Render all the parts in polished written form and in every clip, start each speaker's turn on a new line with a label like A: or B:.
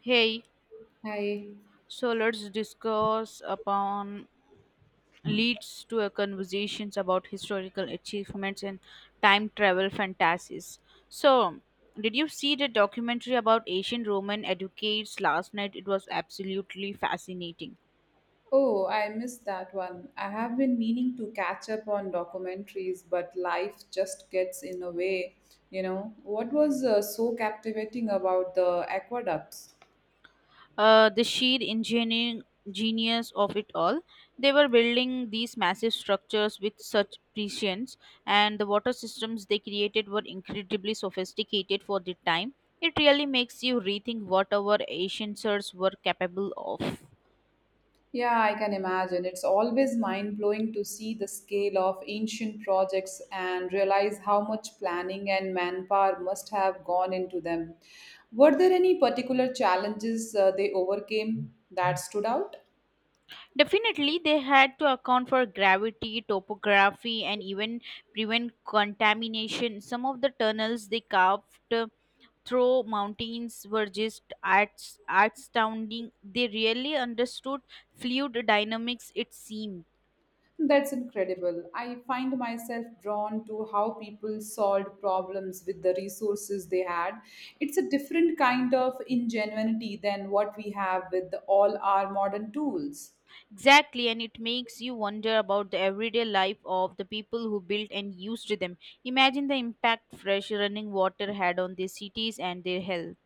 A: Hey,
B: Hi.
A: so let's discuss upon leads to a conversations about historical achievements and time travel fantasies. So, did you see the documentary about ancient Roman educates last night? It was absolutely fascinating.
B: Oh, I missed that one. I have been meaning to catch up on documentaries, but life just gets in the way. What was so captivating about the aqueducts?
A: The sheer engineering genius of it all. They were building these massive structures with such prescience, and the water systems they created were incredibly sophisticated for the time. It really makes you rethink what our ancient sers were capable of.
B: Yeah, I can imagine. It's always mind blowing to see the scale of ancient projects and realize how much planning and manpower must have gone into them. Were there any particular challenges they overcame that stood out?
A: Definitely, they had to account for gravity, topography, and even prevent contamination. Some of the tunnels they carved Though mountains were just astounding, they really understood fluid dynamics, it seemed.
B: That's incredible. I find myself drawn to how people solved problems with the resources they had. It's a different kind of ingenuity than what we have with all our modern tools.
A: Exactly, and it makes you wonder about the everyday life of the people who built and used them. Imagine the impact fresh running water had on their cities and their health.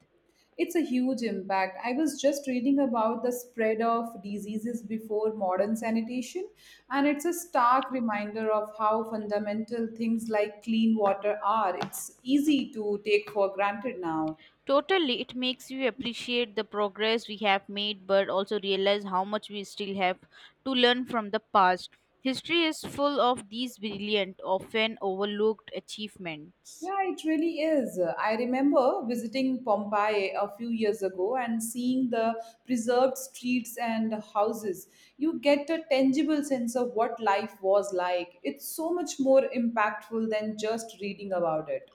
B: It's a huge impact. I was just reading about the spread of diseases before modern sanitation, and it's a stark reminder of how fundamental things like clean water are. It's easy to take for granted now.
A: Totally, it makes you appreciate the progress we have made, but also realize how much we still have to learn from the past. History is full of these brilliant, often overlooked achievements.
B: Yeah, it really is. I remember visiting Pompeii a few years ago and seeing the preserved streets and houses. You get a tangible sense of what life was like. It's so much more impactful than just reading about it.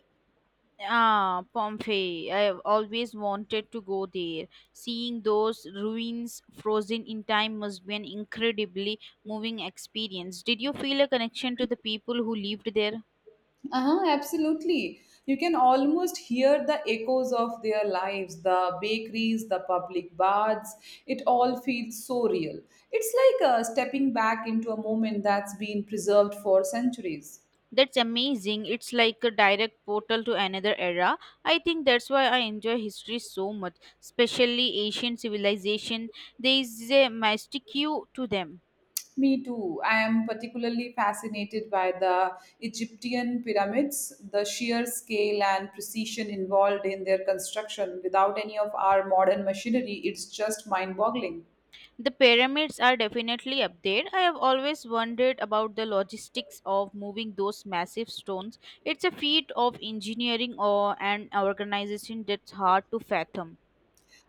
A: Ah, Pompeii. I have always wanted to go there. Seeing those ruins frozen in time must be an incredibly moving experience. Did you feel a connection to the people who lived there?
B: Uh-huh, absolutely. You can almost hear the echoes of their lives, the bakeries, the public baths. It all feels so real. It's like stepping back into a moment that's been preserved for centuries.
A: That's amazing. It's like a direct portal to another era. I think that's why I enjoy history so much, especially Asian civilization. There is a mystique to them.
B: Me too. I am particularly fascinated by the Egyptian pyramids, the sheer scale and precision involved in their construction without any of our modern machinery. It's just mind boggling.
A: The pyramids are definitely up there. I have always wondered about the logistics of moving those massive stones. It's a feat of engineering or an organization that's hard to fathom.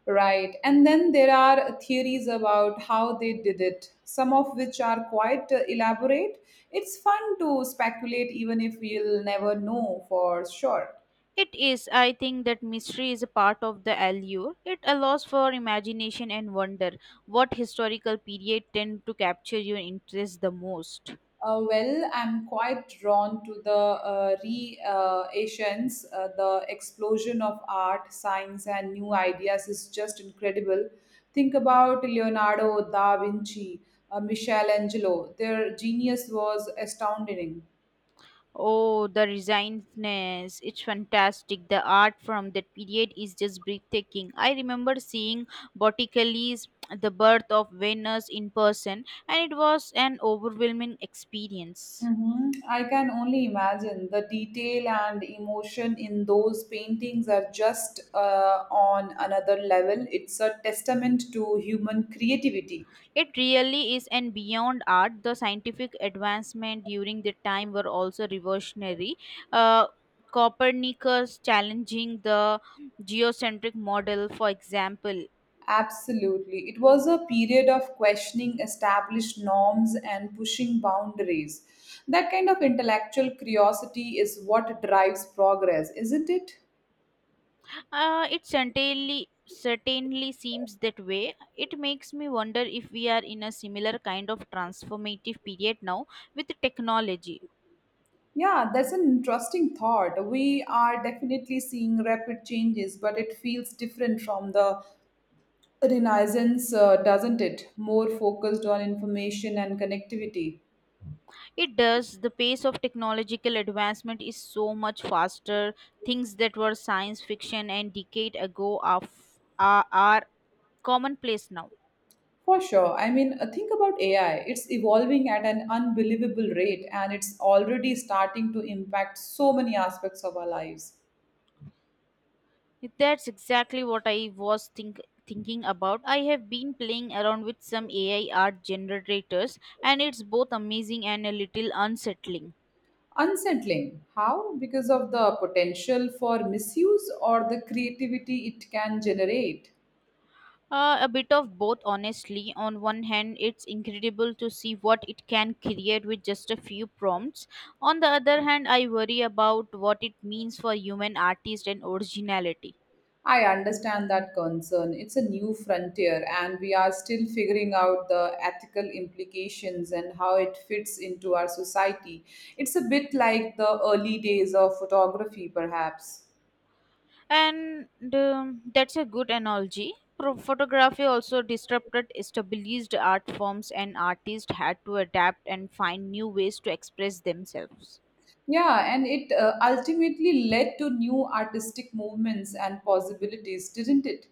B: Right. And then there are theories about how they did it, some of which are quite elaborate. It's fun to speculate, even if we'll never know for sure.
A: It is, I think, that mystery is a part of the allure. It allows for imagination and wonder. What historical period tend to capture your interest the most?
B: Well, I'm quite drawn to the re-Asians. Asians. The explosion of art, science, and new ideas is just incredible. Think about Leonardo da Vinci, Michelangelo. Their genius was astounding.
A: Oh, the resignedness. It's fantastic. The art from that period is just breathtaking. I remember seeing Botticelli's The Birth of Venus in person, and it was an overwhelming experience.
B: Hmm. I can only imagine the detail and emotion in those paintings are just on another level. It's a testament to human creativity.
A: It really is, and beyond art, the scientific advancement during the time were also revolutionary. Uh, Copernicus challenging the geocentric model, for example.
B: Absolutely. It was a period of questioning established norms and pushing boundaries. That kind of intellectual curiosity is what drives progress, isn't it?
A: It certainly seems that way. It makes me wonder if we are in a similar kind of transformative period now with technology.
B: Yeah, that's an interesting thought. We are definitely seeing rapid changes, but it feels different from the Renaissance, doesn't it? More focused on information and connectivity.
A: It does. The pace of technological advancement is so much faster. Things that were science fiction and decade ago are commonplace now.
B: For sure. I mean, think about AI. It's evolving at an unbelievable rate and it's already starting to impact so many aspects of our lives.
A: That's exactly what I thinking about. I have been playing around with some AI art generators, and it's both amazing and a little unsettling.
B: Unsettling. How? Because of the potential for misuse or the creativity it can generate?
A: A bit of both, honestly. On one hand, it's incredible to see what it can create with just a few prompts. On the other hand, I worry about what it means for human artist and originality.
B: I understand that concern. It's a new frontier and we are still figuring out the ethical implications and how it fits into our society. It's a bit like the early days of photography, perhaps.
A: And that's a good analogy. Photography also disrupted established art forms, and artists had to adapt and find new ways to express themselves.
B: Yeah, and it ultimately led to new artistic movements and possibilities, didn't it?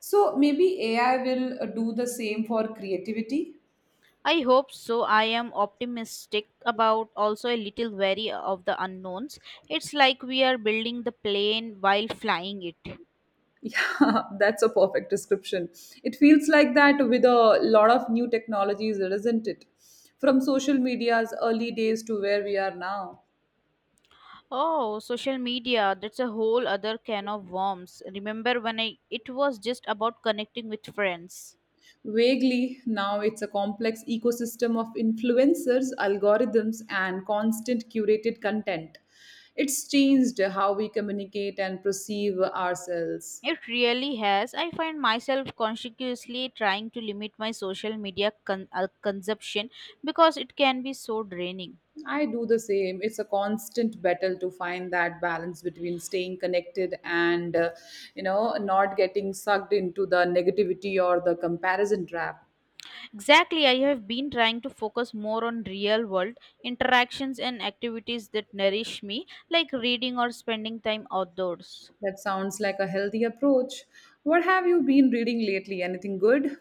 B: So maybe AI will do the same for creativity.
A: I hope so. I am optimistic about also a little wary of the unknowns. It's like we are building the plane while flying it.
B: Yeah, that's a perfect description. It feels like that with a lot of new technologies, isn't it? From social media's early days to where we are now.
A: Oh, social media, that's a whole other can of worms. Remember when I it was just about connecting with friends.
B: Vaguely, now it's a complex ecosystem of influencers, algorithms, and constant curated content. It's changed how we communicate and perceive ourselves.
A: It really has. I find myself consciously trying to limit my social media consumption because it can be so draining.
B: I do the same. It's a constant battle to find that balance between staying connected and not getting sucked into the negativity or the comparison trap.
A: Exactly, I have been trying to focus more on real world interactions and activities that nourish me, like reading or spending time outdoors.
B: That sounds like a healthy approach. What have you been reading lately? Anything good?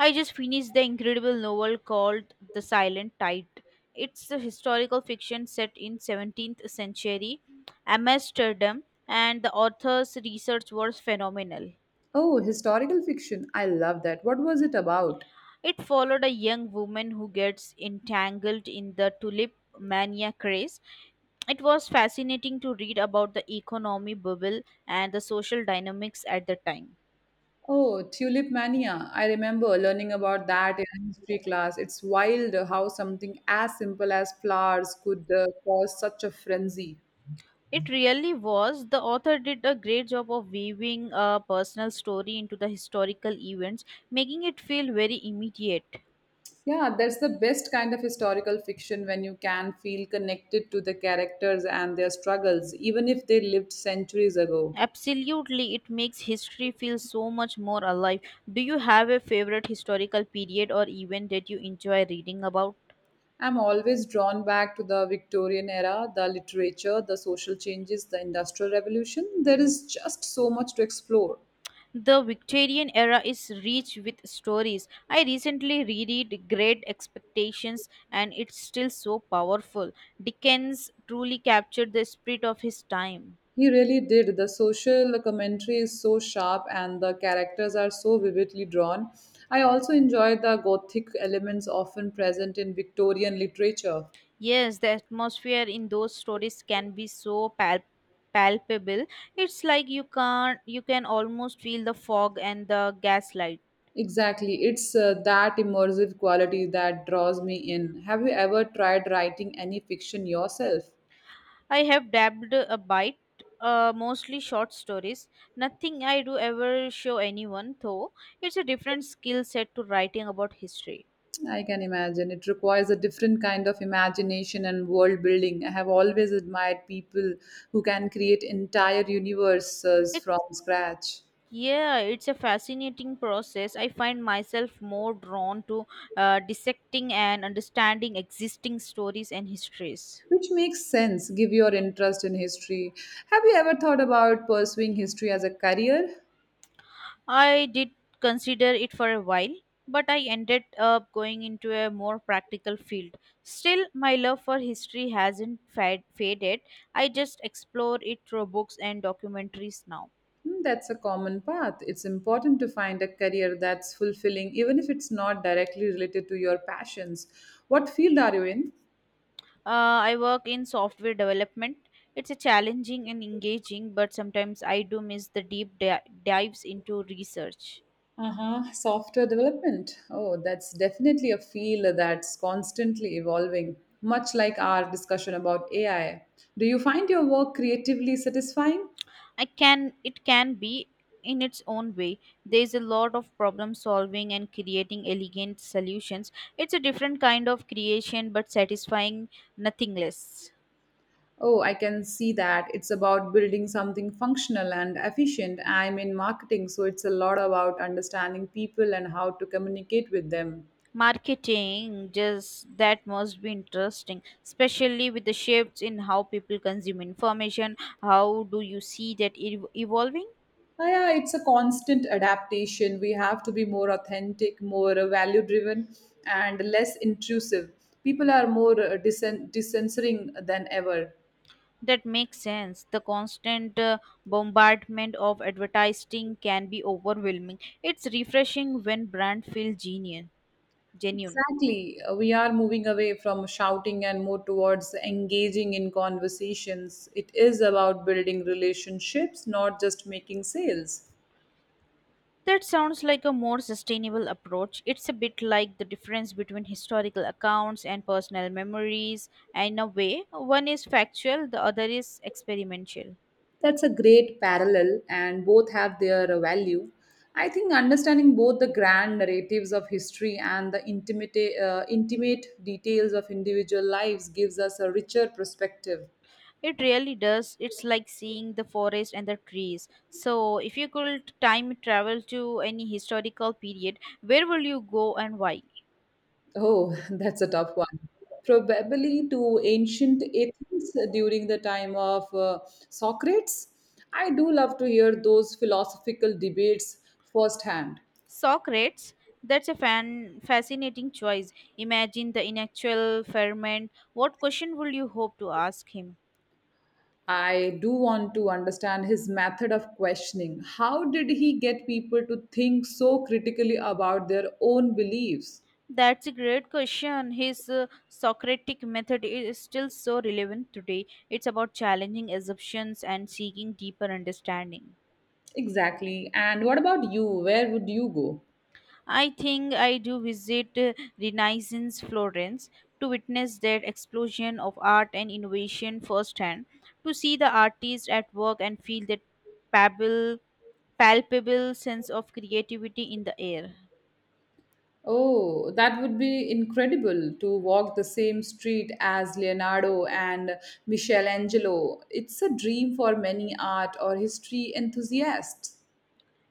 A: I just finished the incredible novel called The Silent Tide. It's a historical fiction set in 17th century Amsterdam and the author's research was phenomenal.
B: Oh, historical fiction. I love that. What was it about?
A: It followed a young woman who gets entangled in the tulip mania craze. It was fascinating to read about the economy bubble and the social dynamics at the time.
B: Oh, Tulip Mania. I remember learning about that in a history class. It's wild how something as simple as flowers could cause such a frenzy.
A: It really was. The author did a great job of weaving a personal story into the historical events, making it feel very immediate.
B: Yeah, that's the best kind of historical fiction when you can feel connected to the characters and their struggles, even if they lived centuries ago.
A: Absolutely, it makes history feel so much more alive. Do you have a favorite historical period or event that you enjoy reading about?
B: I'm always drawn back to the Victorian era, the literature, the social changes, the Industrial Revolution. There is just so much to explore.
A: The Victorian era is rich with stories. I recently reread Great Expectations and it's still so powerful. Dickens truly captured the spirit of his time.
B: He really did. The social commentary is so sharp and the characters are so vividly drawn. I also enjoy the gothic elements often present in Victorian literature.
A: Yes, the atmosphere in those stories can be so palpable. It's like you can not you can almost feel the fog and the gaslight.
B: Exactly, it's that immersive quality that draws me in. Have you ever tried writing any fiction yourself?
A: I have dabbed a bite, mostly short stories. Nothing I do ever show anyone, though. It's a different skill set to writing about history.
B: I can imagine. It requires a different kind of imagination and world building. I have always admired people who can create entire universes
A: It,
B: from scratch.
A: yeah, it's a fascinating process. I find myself more drawn to dissecting and understanding existing stories and histories.
B: Which makes sense, give your interest in history. Have you ever thought about pursuing history as a career?
A: I did consider it for a while, but I ended up going into a more practical field. Still, my love for history hasn't faded. I just explore it through books and documentaries now.
B: Hmm, that's a common path. It's important to find a career that's fulfilling, even if it's not directly related to your passions. What field are you in?
A: I work in software development. It's a challenging and engaging, but sometimes I do miss the deep dives into research.
B: Uh-huh. Software development. Oh, that's definitely a field that's constantly evolving, much like our discussion about AI. Do you find your work creatively satisfying?
A: I can it can be in its own way. There is a lot of problem solving and creating elegant solutions. It's a different kind of creation but satisfying nothing less.
B: Oh, I can see that. It's about building something functional and efficient. I'm in marketing, so it's a lot about understanding people and how to communicate with them.
A: Marketing just that must be interesting, especially with the shifts in how people consume information. How do you see that evolving?
B: Ah, yeah, it's a constant adaptation. We have to be more authentic, more value driven, and less intrusive. People are more dissensoring than ever.
A: That makes sense. The constant bombardment of advertising can be overwhelming. It's refreshing when brand feel genius. Genuine.
B: Exactly. We are moving away from shouting and more towards engaging in conversations. It is about building relationships, not just making sales.
A: That sounds like a more sustainable approach. It's a bit like the difference between historical accounts and personal memories. In a way, one is factual, the other is experimental.
B: That's a great parallel, and both have their value. I think understanding both the grand narratives of history and the intimate details of individual lives gives us a richer perspective.
A: It really does. It's like seeing the forest and the trees. So, if you could time travel to any historical period, where will you go and why?
B: Oh, that's a tough one. Probably to ancient Athens during the time of Socrates. I do love to hear those philosophical debates firsthand.
A: Socrates. That's a fan fascinating choice. Imagine the intellectual ferment. What question would you hope to ask him?
B: I do want to understand his method of questioning. How did he get people to think so critically about their own beliefs?
A: That's a great question. His Socratic method is still so relevant today. It's about challenging assumptions and seeking deeper understanding.
B: Exactly. And what about you? Where would you go?
A: I think I do visit Renaissance Florence to witness that explosion of art and innovation firsthand, to see the artist at work and feel that palpable, palpable sense of creativity in the air.
B: Oh, that would be incredible to walk the same street as Leonardo and Michelangelo. It's a dream for many art or history enthusiasts.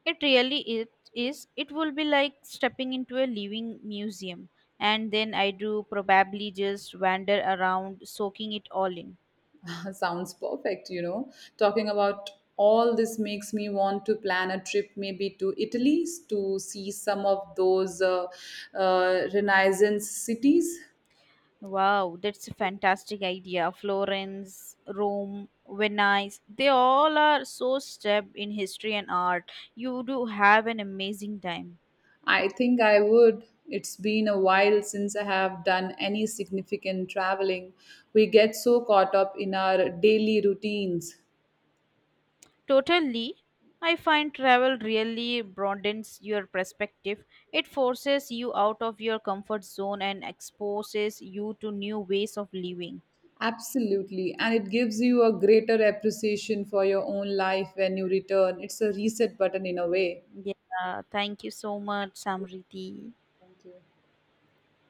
A: It really it is. It will be like stepping into a living museum, and then I do probably just wander around, soaking it all in.
B: Sounds perfect, you know. Talking about all this makes me want to plan a trip maybe to Italy to see some of those Renaissance cities.
A: Wow, that's a fantastic idea. Florence, Rome, Venice, they all are so steeped in history and art. You do have an amazing time.
B: I think I would. It's been a while since I have done any significant traveling. We get so caught up in our daily routines.
A: Totally. I find travel really broadens your perspective. It forces you out of your comfort zone and exposes you to new ways of living.
B: Absolutely. And it gives you a greater appreciation for your own life when you return. It's a reset button in a way.
A: Yeah, thank you so much,
B: Yes,
A: Samriti.
B: thank you.